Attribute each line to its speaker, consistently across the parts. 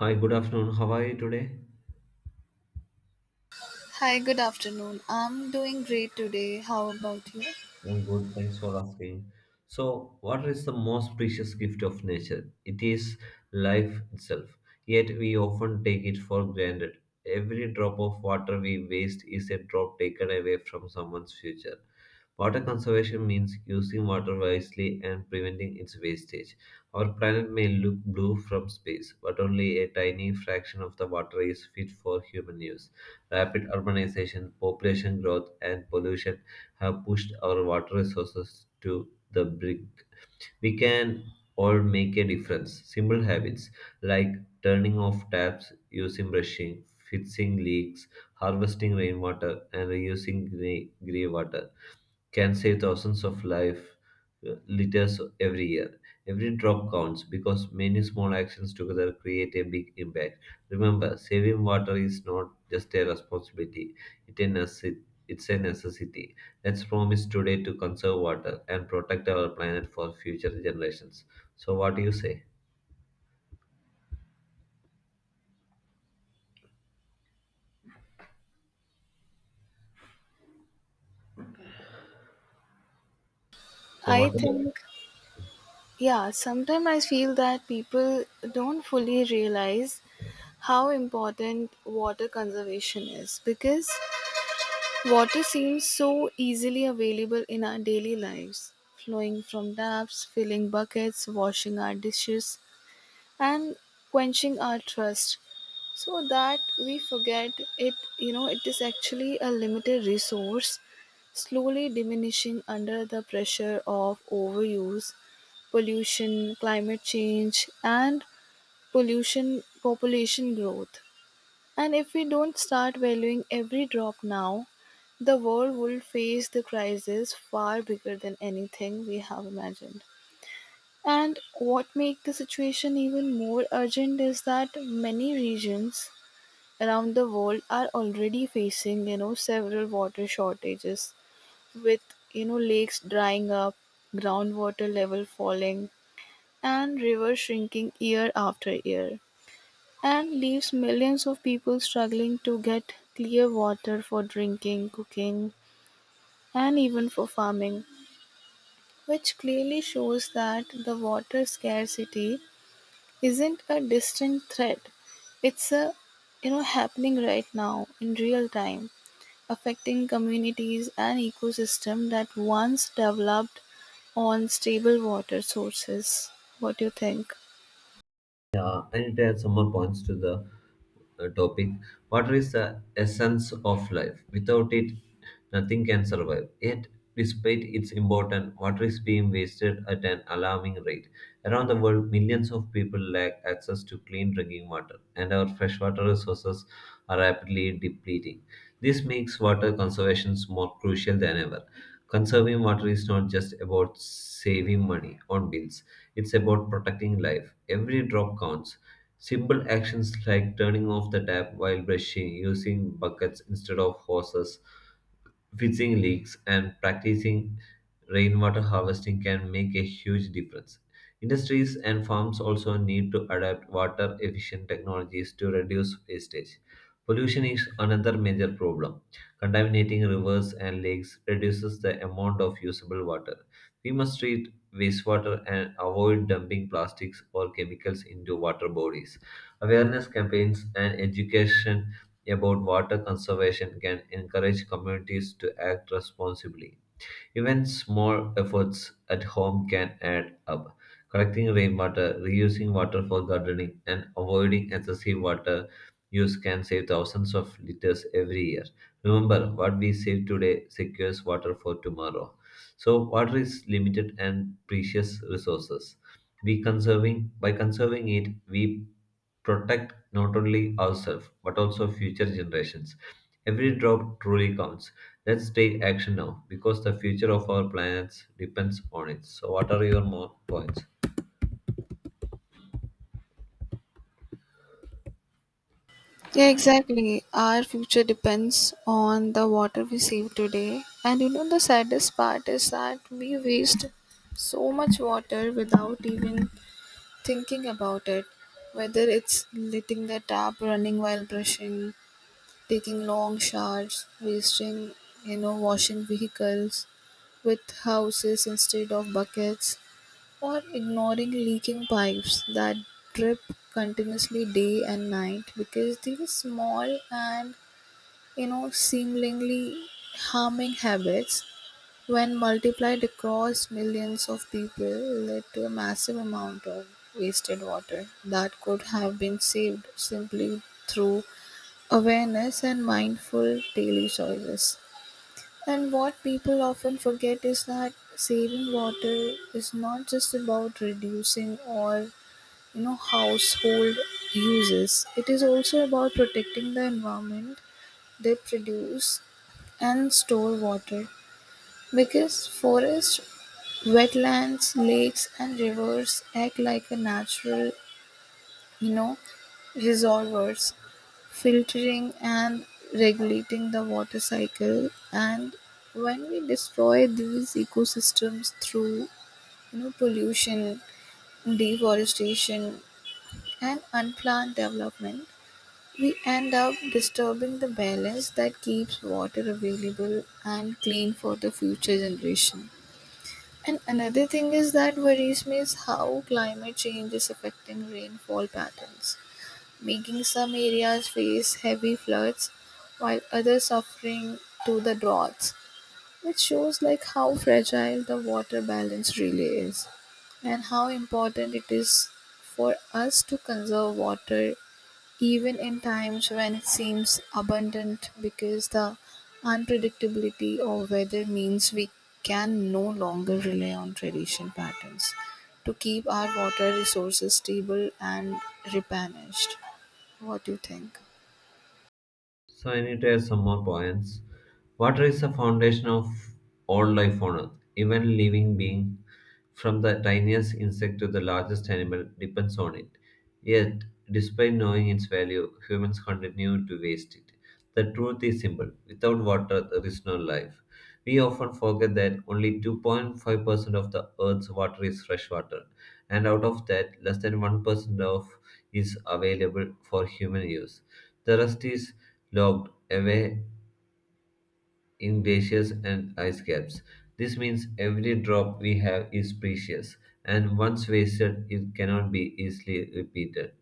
Speaker 1: Hi, good afternoon. How are you today?
Speaker 2: Hi, good afternoon. I'm doing great today. How about you?
Speaker 1: I'm good. Thanks for asking. So, what is the most precious gift of nature? It is life itself. Yet we often take it for granted. Every drop of water we waste is a drop taken away from someone's future. Water conservation means using water wisely and preventing its wastage. Our planet may look blue from space, but only a tiny fraction of the water is fit for human use. Rapid urbanization, population growth, and pollution have pushed our water resources to the brink. We can all make a difference. Simple habits like turning off taps, using brushing, fixing leaks, harvesting rainwater, and reusing grey water can save thousands of life liters every year. Every drop counts because many small actions together create a big impact. Remember, saving water is not just a responsibility; it a necess- it's a necessity. Let's promise today to conserve water and protect our planet for future generations. So, what do you say? So,
Speaker 2: I
Speaker 1: what?
Speaker 2: think, yeah, sometimes I feel that people don't fully realize how important water conservation is because water seems so easily available in our daily lives, flowing from taps, filling buckets, washing our dishes, and quenching our thirst, so that we forget it. It is actually a limited resource, slowly diminishing under the pressure of overuse, pollution, climate change, and pollution, population growth. And if we don't start valuing every drop now, the world will face the crisis far bigger than anything we have imagined. And what makes the situation even more urgent is that many regions around the world are already facing, several water shortages with, lakes drying up, groundwater level falling, and rivers shrinking year after year, and leaves millions of people struggling to get clear water for drinking, cooking, and even for farming, which clearly shows that the water scarcity isn't a distant threat. It's a, happening right now in real time, affecting communities and ecosystems that once developed on stable water sources. What do you think?
Speaker 1: Yeah, and it adds some more points to the topic. Water is the essence of life. Without it, nothing can survive. Yet, despite its importance, water is being wasted at an alarming rate. Around the world, millions of people lack access to clean drinking water, and our freshwater resources are rapidly depleting. This makes water conservation more crucial than ever. Conserving water is not just about saving money on bills, it's about protecting life. Every drop counts. Simple actions like turning off the tap while brushing, using buckets instead of hoses, fixing leaks, and practicing rainwater harvesting can make a huge difference. Industries and farms also need to adapt water efficient technologies to reduce wastage. Pollution is another major problem. Contaminating rivers and lakes reduces the amount of usable water. We must treat wastewater and avoid dumping plastics or chemicals into water bodies. Awareness campaigns and education about water conservation can encourage communities to act responsibly. Even small efforts at home can add up. Collecting rainwater, reusing water for gardening, and avoiding excessive water use can save thousands of liters every year. Remember, what we save today secures water for tomorrow. So, water is limited and precious resources. We conserving by conserving it, we protect not only ourselves but also future generations. Every drop truly counts. Let's take action now because the future of our planet depends on it. So, what are your more points?
Speaker 2: Yeah, exactly. Our future depends on the water we save today. And you know, the saddest part is that we waste so much water without even thinking about it. Whether it's letting the tap running while brushing, taking long showers, wasting, you know, washing vehicles with houses instead of buckets, or ignoring leaking pipes that drip continuously day and night, because these small and, you know, seemingly harming habits, when multiplied across millions of people, led to a massive amount of wasted water that could have been saved simply through awareness and mindful daily choices. And what people often forget is that saving water is not just about reducing or, household uses. It is also about protecting the environment they produce and store water, because forests, wetlands, lakes and rivers act like a natural, you know reservoirs, filtering and regulating the water cycle. And when we destroy these ecosystems through, pollution, deforestation, and unplanned development, we end up disturbing the balance that keeps water available and clean for the future generation. And another thing is that worries me is how climate change is affecting rainfall patterns, making some areas face heavy floods while others suffering to the droughts, which shows like how fragile the water balance really is and how important it is for us to conserve water even in times when it seems abundant, because the unpredictability of weather means we can no longer rely on tradition patterns to keep our water resources stable and replenished. What do you think?
Speaker 1: So, I need to add some more points. Water is the foundation of all life on Earth. Even living being, from the tiniest insect to the largest animal, depends on it. Yet, despite knowing its value, humans continue to waste it. The truth is simple, without water, there is no life. We often forget that only 2.5% of the Earth's water is fresh water, and out of that, less than 1% of is available for human use. The rest is locked away in glaciers and ice caps. This means every drop we have is precious, and once wasted, it cannot be easily repeated.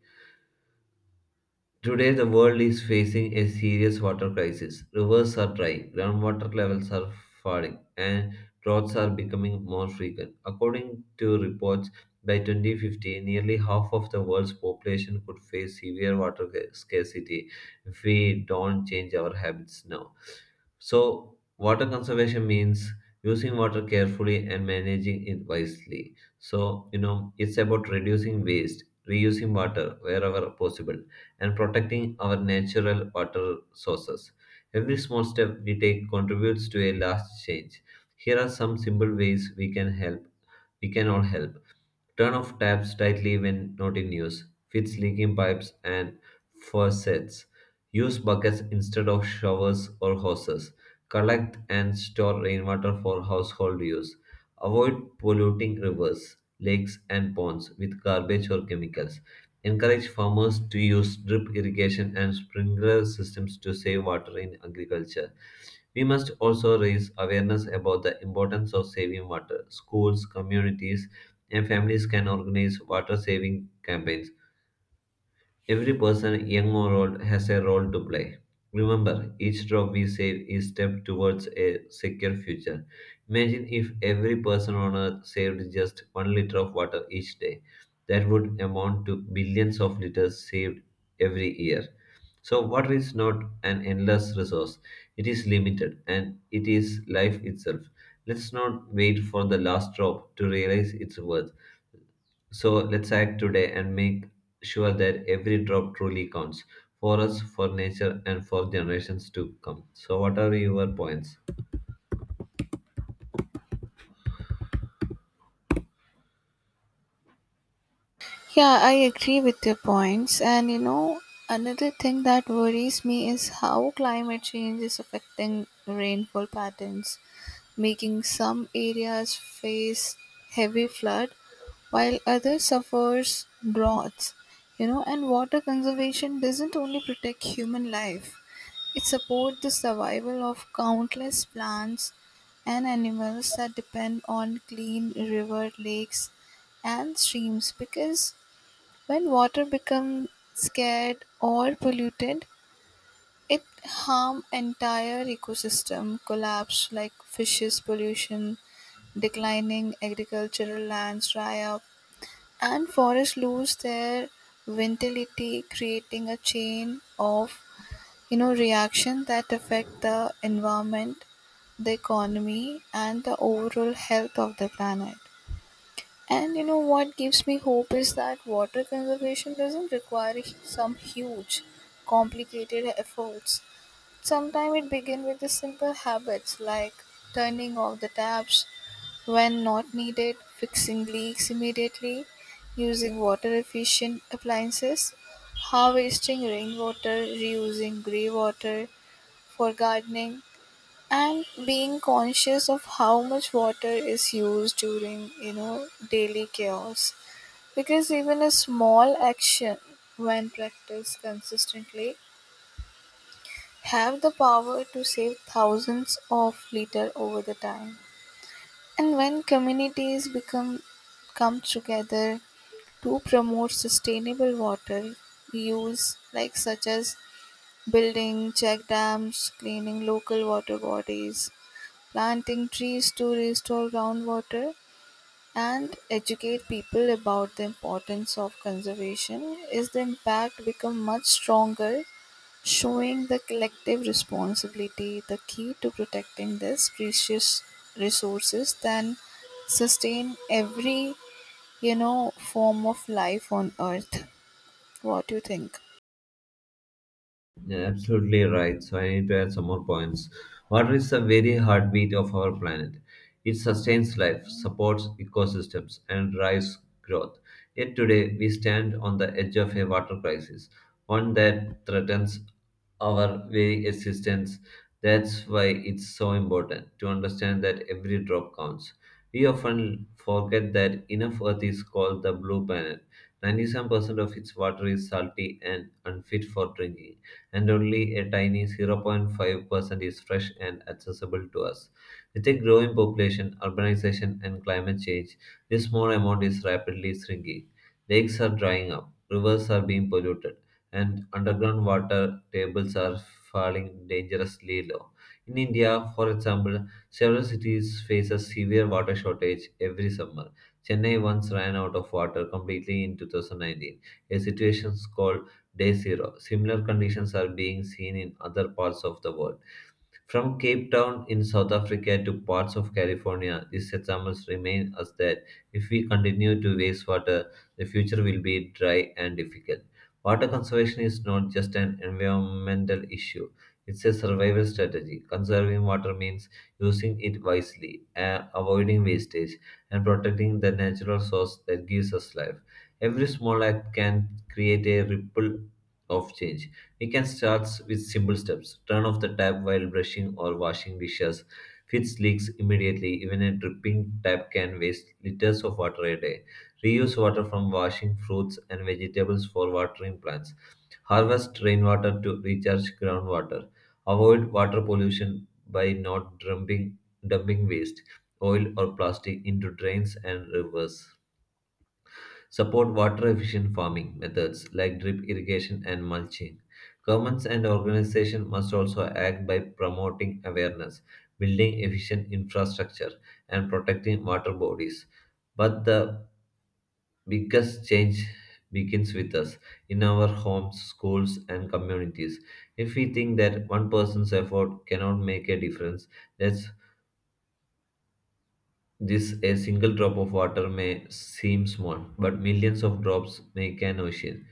Speaker 1: Today, the world is facing a serious water crisis. Rivers are dry, groundwater levels are falling, and droughts are becoming more frequent. According to reports, by 2050, nearly half of the world's population could face severe water scarcity if we don't change our habits now. So, water conservation means using water carefully and managing it wisely. So, you know, it's about reducing waste, reusing water wherever possible and protecting our natural water sources. Every small step we take contributes to a large change. Here are some simple ways we can help. We can all help. Turn off taps tightly when not in use. Fix leaking pipes and faucets. Use buckets instead of showers or hoses. Collect and store rainwater for household use. Avoid polluting rivers, lakes, and ponds with garbage or chemicals. Encourage farmers to use drip irrigation and sprinkler systems to save water in agriculture. We must also raise awareness about the importance of saving water. Schools, communities, and families can organize water saving campaigns. Every person, young or old, has a role to play. Remember, each drop we save is step towards a secure future. Imagine if every person on earth saved just 1 liter of water each day. That would amount to billions of liters saved every year. So, water is not an endless resource, it is limited and it is life itself. Let's not wait for the last drop to realize its worth. So let's act today and make sure that every drop truly counts for us, for nature, and for generations to come. So, what are your points?
Speaker 2: Yeah, I agree with your points. And you know, another thing that worries me is how climate change is affecting rainfall patterns, making some areas face heavy flood while others suffers droughts. You know, and water conservation doesn't only protect human life, it supports the survival of countless plants and animals that depend on clean river lakes and streams, because when water becomes scared or polluted, it harm entire ecosystem collapse, like fishes pollution, declining agricultural lands dry up, and forests lose their vitality, creating a chain of, reaction that affect the environment, the economy, and the overall health of the planet. And you know what gives me hope is that water conservation doesn't require some huge, complicated efforts. Sometimes it begins with the simple habits like turning off the taps when not needed, fixing leaks immediately, using water efficient appliances, harvesting rainwater, reusing grey water for gardening, and being conscious of how much water is used during, you know, daily chaos. Because even a small action when practiced consistently have the power to save thousands of liters over the time. And when communities become come together to promote sustainable water use, like such as building check dams, cleaning local water bodies, planting trees to restore groundwater, and educate people about the importance of conservation, is the impact become much stronger, showing the collective responsibility the key to protecting these precious resources than sustain every, form of life on earth. What do you think?
Speaker 1: Yeah, absolutely right. So I need to add some more points. Water is the very heartbeat of our planet. It sustains life, supports ecosystems, and drives growth. Yet today, we stand on the edge of a water crisis, one that threatens our very existence. That's why it's so important to understand that every drop counts. We often forget that enough Earth is called the blue planet. 97% of its water is salty and unfit for drinking and only a tiny 0.5% is fresh and accessible to us. With a growing population, urbanization, and climate change, this small amount is rapidly shrinking. Lakes are drying up, rivers are being polluted, and underground water tables are falling dangerously low. In India, for example, several cities face a severe water shortage every summer. Chennai once ran out of water completely in 2019, a situation called day zero. Similar conditions are being seen in other parts of the world. From Cape Town in South Africa to parts of California, these examples remind us that if we continue to waste water, the future will be dry and difficult. Water conservation is not just an environmental issue, it's a survival strategy. Conserving water means using it wisely, avoiding wastage, and protecting the natural source that gives us life. Every small act can create a ripple of change. We can start with simple steps. Turn off the tap while brushing or washing dishes. Fix leaks immediately. Even a dripping tap can waste liters of water a day. Reuse water from washing fruits and vegetables for watering plants. Harvest rainwater to recharge groundwater. Avoid water pollution by not dumping waste, oil, or plastic into drains and rivers. Support water efficient farming methods like drip irrigation and mulching. Governments and organizations must also act by promoting awareness, building efficient infrastructure, and protecting water bodies. But the biggest change begins with us in our homes, schools, and communities. If we think that one person's effort cannot make a difference, that's this a single drop of water may seem small, but millions of drops make an ocean.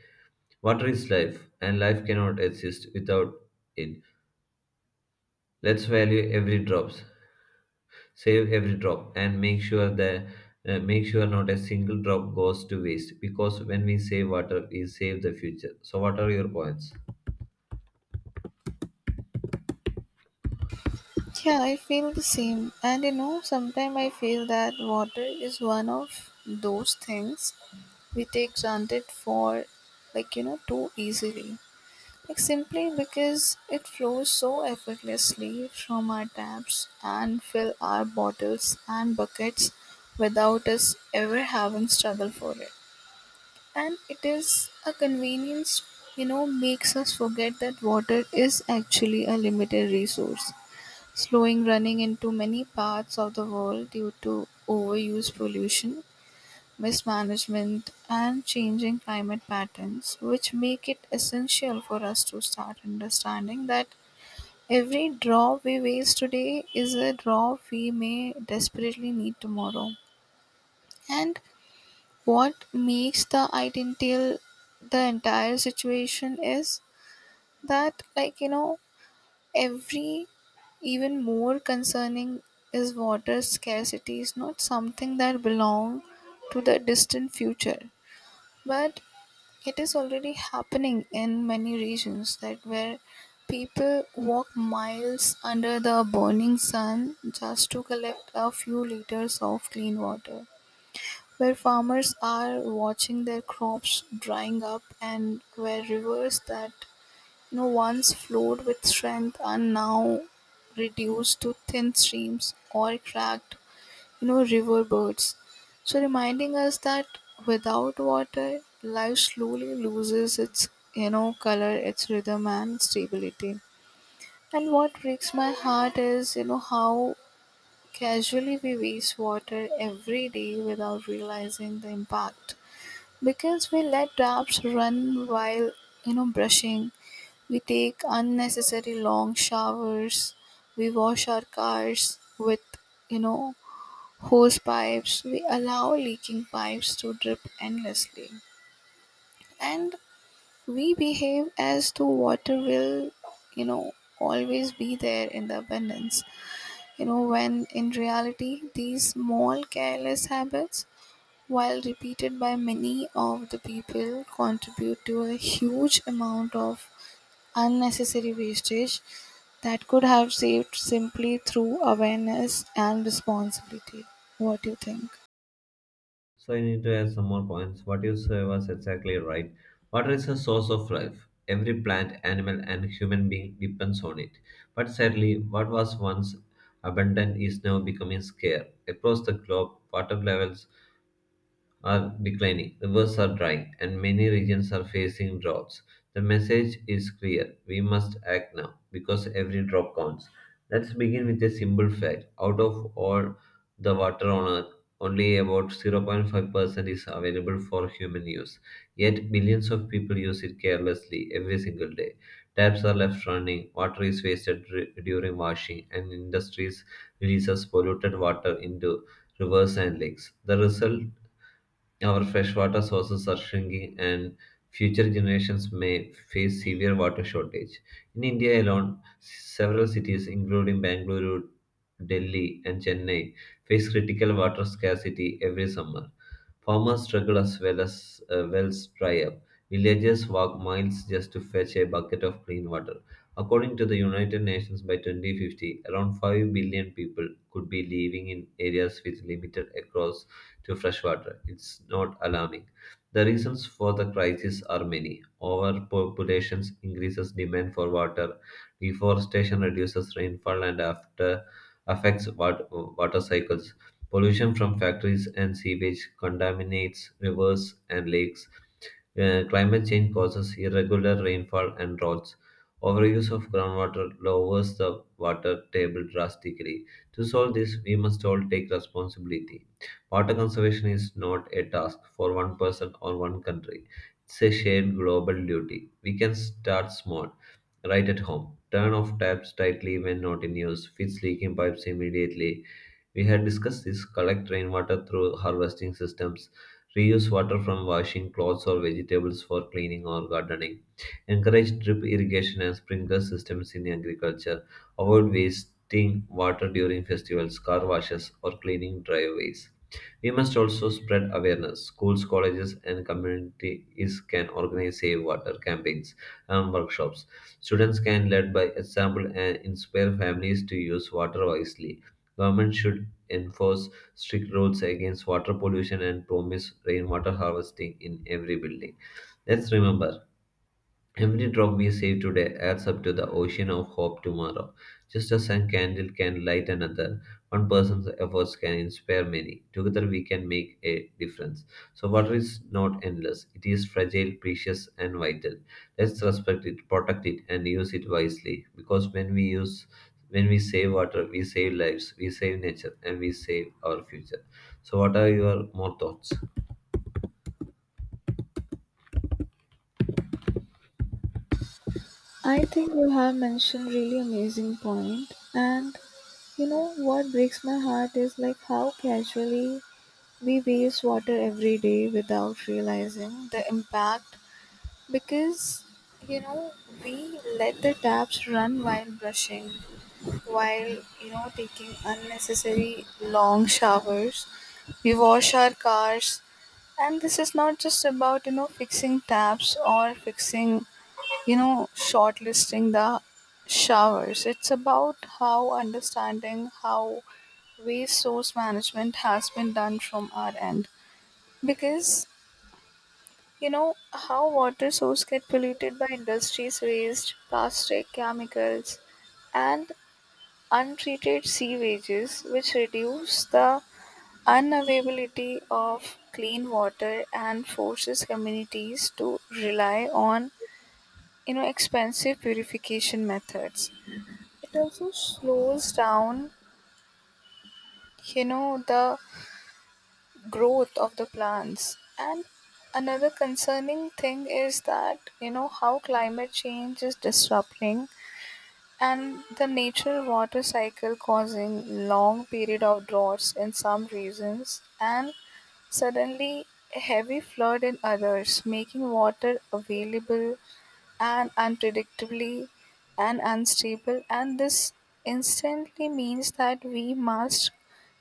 Speaker 1: Water is life, and life cannot exist without it. Let's value every drop, save every drop, and make sure not a single drop goes to waste. Because when we save water, we save the future. So, what are your points?
Speaker 2: Yeah, I feel the same. And you know, sometimes I feel that water is one of those things we take granted for, like, you know, too easily. Like simply because it flows so effortlessly from our taps and fill our bottles and buckets without us ever having struggled for it. And it is a convenience, you know, makes us forget that water is actually a limited resource, slowing running into many parts of the world due to overuse pollution mismanagement, and changing climate patterns, which make it essential for us to start understanding that every drop we waste today is a drop we may desperately need tomorrow. And what makes the ideal the entire situation is that, like, you know, every even more concerning is water scarcity is not something that belong to the distant future, but it is already happening in many regions that where people walk miles under the burning sun just to collect a few liters of clean water, where farmers are watching their crops drying up, and where rivers that, once flowed with strength are now reduced to thin streams or cracked, you know, river birds, so reminding us that without water, life slowly loses its, you know, color, its rhythm and stability. And what breaks my heart is, you know, how casually we waste water every day without realizing the impact. Because we let taps run while, you know, brushing, we take unnecessary long showers, we wash our cars with, you know, hose pipes, we allow leaking pipes to drip endlessly. And we behave as though water will, you know, always be there in the abundance. You know, when in reality, these small careless habits, while repeated by many of the people, contribute to a huge amount of unnecessary wastage that could have saved simply through awareness and responsibility. What do you think?
Speaker 1: So, I need to add some more points. What you said was exactly right. Water is a source of life. Every plant, animal, and human being depends on it. But sadly, what was once abundant is now becoming scarce. Across the globe, water levels are declining, rivers are drying, and many regions are facing droughts. The message is clear, we must act now because every drop counts. Let's begin with a simple fact, out of all the water on earth, only about 0.5% is available for human use. Yet, billions of people use it carelessly every single day. Taps are left running, water is wasted during washing, and industries releases polluted water into rivers and lakes. The result, our freshwater sources are shrinking, and future generations may face severe water shortage. In India alone, several cities, including Bangalore, Delhi, and Chennai, face critical water scarcity every summer. Farmers struggle as well as wells dry up. Villagers walk miles just to fetch a bucket of clean water. According to the United Nations, by 2050, around 5 billion people could be living in areas with limited across to fresh water. It's not alarming. The reasons for the crisis are many. Overpopulation increases demand for water, deforestation reduces rainfall and after affects water cycles. Pollution from factories and sewage contaminates rivers and lakes. Climate change causes irregular rainfall and droughts. Overuse of groundwater lowers the water table drastically. To solve this, we must all take responsibility. Water conservation is not a task for one person or one country, it's a shared global duty. We can start small right at home. Turn off taps tightly when not in use. Fix leaking pipes immediately. We had discussed this. Collect rainwater through harvesting systems. Reuse water from washing clothes or vegetables for cleaning or gardening. Encourage drip irrigation and sprinkler systems in agriculture. Avoid wasting water during festivals, car washes, or cleaning driveways. We must also spread awareness. Schools, colleges, and communities can organize save water campaigns and workshops. Students can lead by example and inspire families to use water wisely. Government should enforce strict rules against water pollution and promise rainwater harvesting in every building. Let's remember, every drop we save today adds up to the ocean of hope tomorrow. Just as a candle can light another, one person's efforts can inspire many. Together we can make a difference. So, water is not endless, it is fragile, precious, and vital. Let's respect it, protect it, and use it wisely. Because when we save water, we save lives, we save nature, and we save our future. So, what are your more thoughts?
Speaker 2: I think you have mentioned really amazing point. And you know what breaks my heart is like how casually we waste water every day without realizing the impact, because, you know we let the taps run while brushing, while, taking unnecessary long showers, we wash our cars. And this is not just about, fixing taps or fixing, you know, shortlisting the showers. It's about how understanding how waste source management has been done from our end. Because, you know, how water source get polluted by industries waste, plastic, chemicals, and untreated sewages, which reduce the unavailability of clean water and forces communities to rely on, expensive purification methods. It also slows down, you know, the growth of the plants. And another concerning thing is that, you know, how climate change is disrupting and the natural water cycle, causing long period of droughts in some regions and suddenly heavy flood in others, making water available and unpredictably and unstable. And this instantly means that we must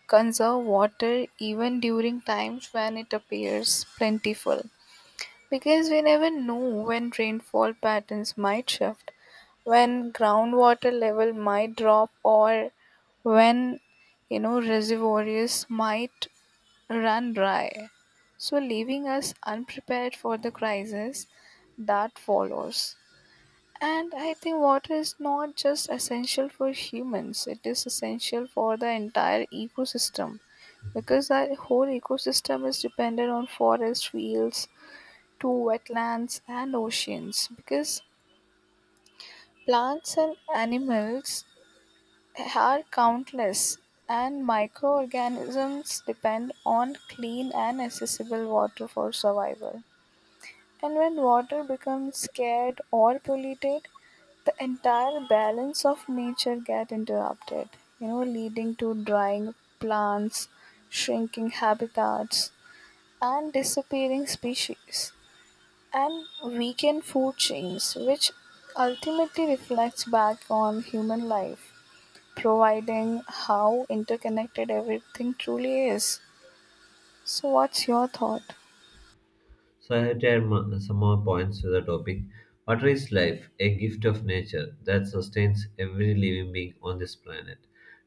Speaker 2: conserve water even during times when it appears plentiful, because we never know when rainfall patterns might shift, when groundwater level might drop, or when, reservoirs might run dry, so leaving us unprepared for the crisis that follows. And I think water is not just essential for humans, it is essential for the entire ecosystem, because our whole ecosystem is dependent on forest, fields, to wetlands and oceans, because plants and animals are countless and microorganisms depend on clean and accessible water for survival. And when water becomes scarce or polluted, the entire balance of nature get interrupted, leading to drying plants, shrinking habitats, and disappearing species, and vegan food chains, which ultimately reflects back on human life, providing how interconnected everything truly is. So, what's your thought?
Speaker 1: So I have to add some more points to the topic. Water is life, a gift of nature that sustains every living being on this planet.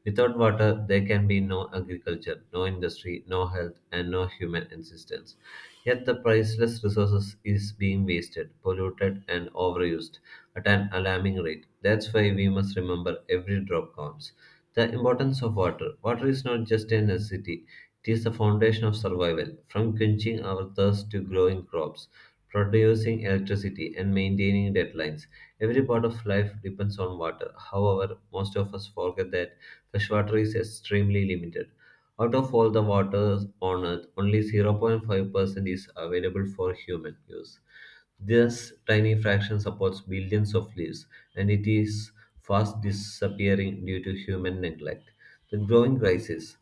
Speaker 1: Without water, there can be no agriculture, no industry, no health, and no human existence. Yet the priceless resources is being wasted, polluted, and overused at an alarming rate. That's why we must remember every drop counts. The importance of water. Water is not just a necessity, it is the foundation of survival. From quenching our thirst to growing crops, producing electricity, and maintaining deadlines, every part of life depends on water. However, most of us forget that fresh water is extremely limited. Out of all the waters on Earth, only 0.5% is available for human use. This tiny fraction supports billions of leaves, and it is fast disappearing due to human neglect. The growing crisis.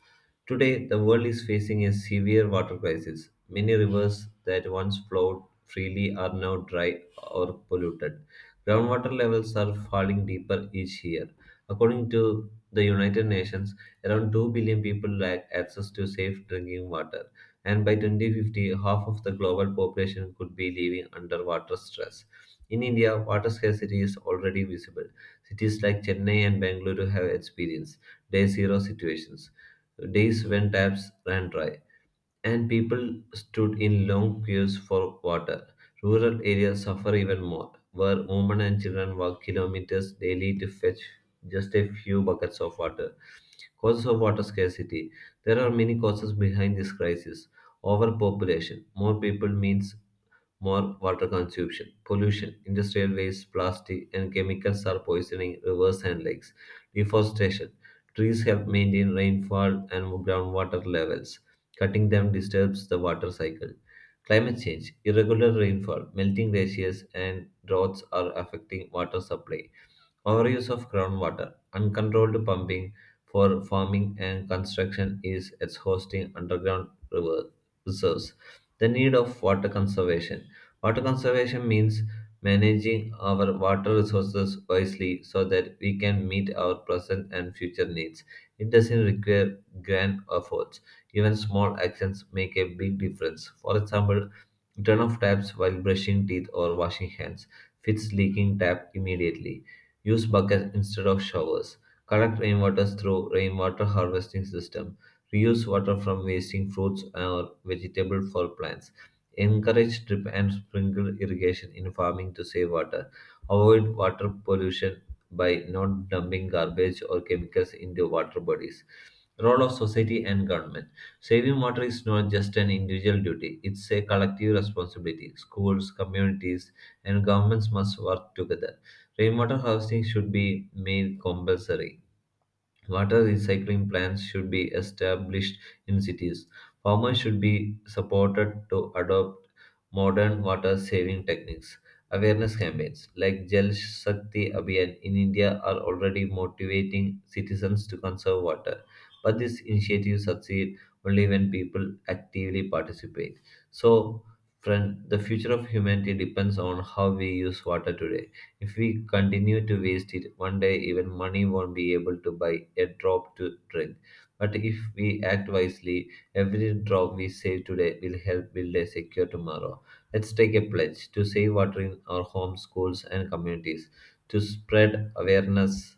Speaker 1: Today, the world is facing a severe water crisis. Many rivers that once flowed freely are now dry or polluted. Groundwater levels are falling deeper each year. According to the United Nations, around 2 billion people lack access to safe drinking water, and by 2050, half of the global population could be living under water stress. In India, water scarcity is already visible. Cities like Chennai and Bangalore have experienced day zero situations, days when taps ran dry, and people stood in long queues for water. Rural areas suffer even more, where women and children walk kilometers daily to fetch just a few buckets of water. Causes of water scarcity. There are many causes behind this crisis. Overpopulation. More people means more water consumption. Pollution. Industrial waste, plastic, and chemicals are poisoning rivers and lakes. Deforestation. Trees help maintain rainfall and groundwater levels. Cutting them disturbs the water cycle. Climate change, irregular rainfall, melting glaciers, and droughts are affecting water supply. Overuse of groundwater, uncontrolled pumping for farming and construction is exhausting underground river reserves. The need of water conservation. Water conservation means managing our water resources wisely so that we can meet our present and future needs. It doesn't require grand efforts. Even small actions make a big difference. For example, turn off taps while brushing teeth or washing hands. Fix leaking tap immediately. Use buckets instead of showers. Collect rainwater through rainwater harvesting system. Reuse water from wasting fruits or vegetables for plants. Encourage drip and sprinkle irrigation in farming to save water. Avoid water pollution by not dumping garbage or chemicals into water bodies. Role of society and government. Saving water is not just an individual duty, it's a collective responsibility. Schools, communities, and governments must work together. Rainwater harvesting should be made compulsory. Water recycling plants should be established in cities. Farmers should be supported to adopt modern water saving techniques. Awareness campaigns like Jal Shakti Abhiyan in India are already motivating citizens to conserve water. But these initiatives succeed only when people actively participate. So, friend, the future of humanity depends on how we use water today. If we continue to waste it, one day even money won't be able to buy a drop to drink. But if we act wisely, every drop we save today will help build a secure tomorrow. Let's take a pledge to save water in our homes, schools, and communities, to spread awareness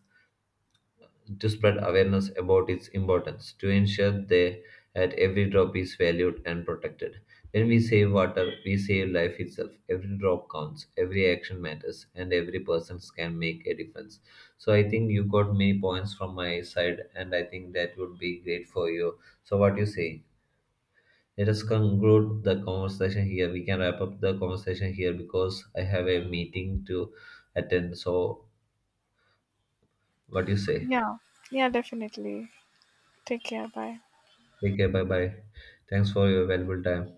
Speaker 1: to spread awareness about its importance, to ensure that every drop is valued and protected. When we save water, we save life itself. Every drop counts, every action matters, and every person can make a difference. So I think you got many points from my side, and I think that would be great for you. So what you say? Let us conclude the conversation here. We can wrap up the conversation here because I have a meeting to attend. So what do you say?
Speaker 2: Yeah, yeah, definitely. Take care. Bye.
Speaker 1: Take care. Bye bye. Thanks for your valuable time.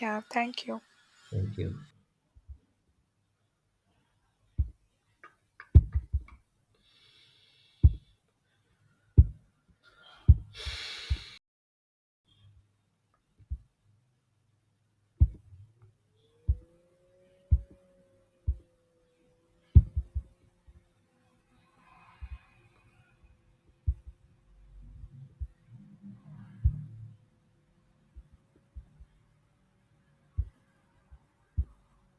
Speaker 2: Yeah, thank you.
Speaker 1: Thank you.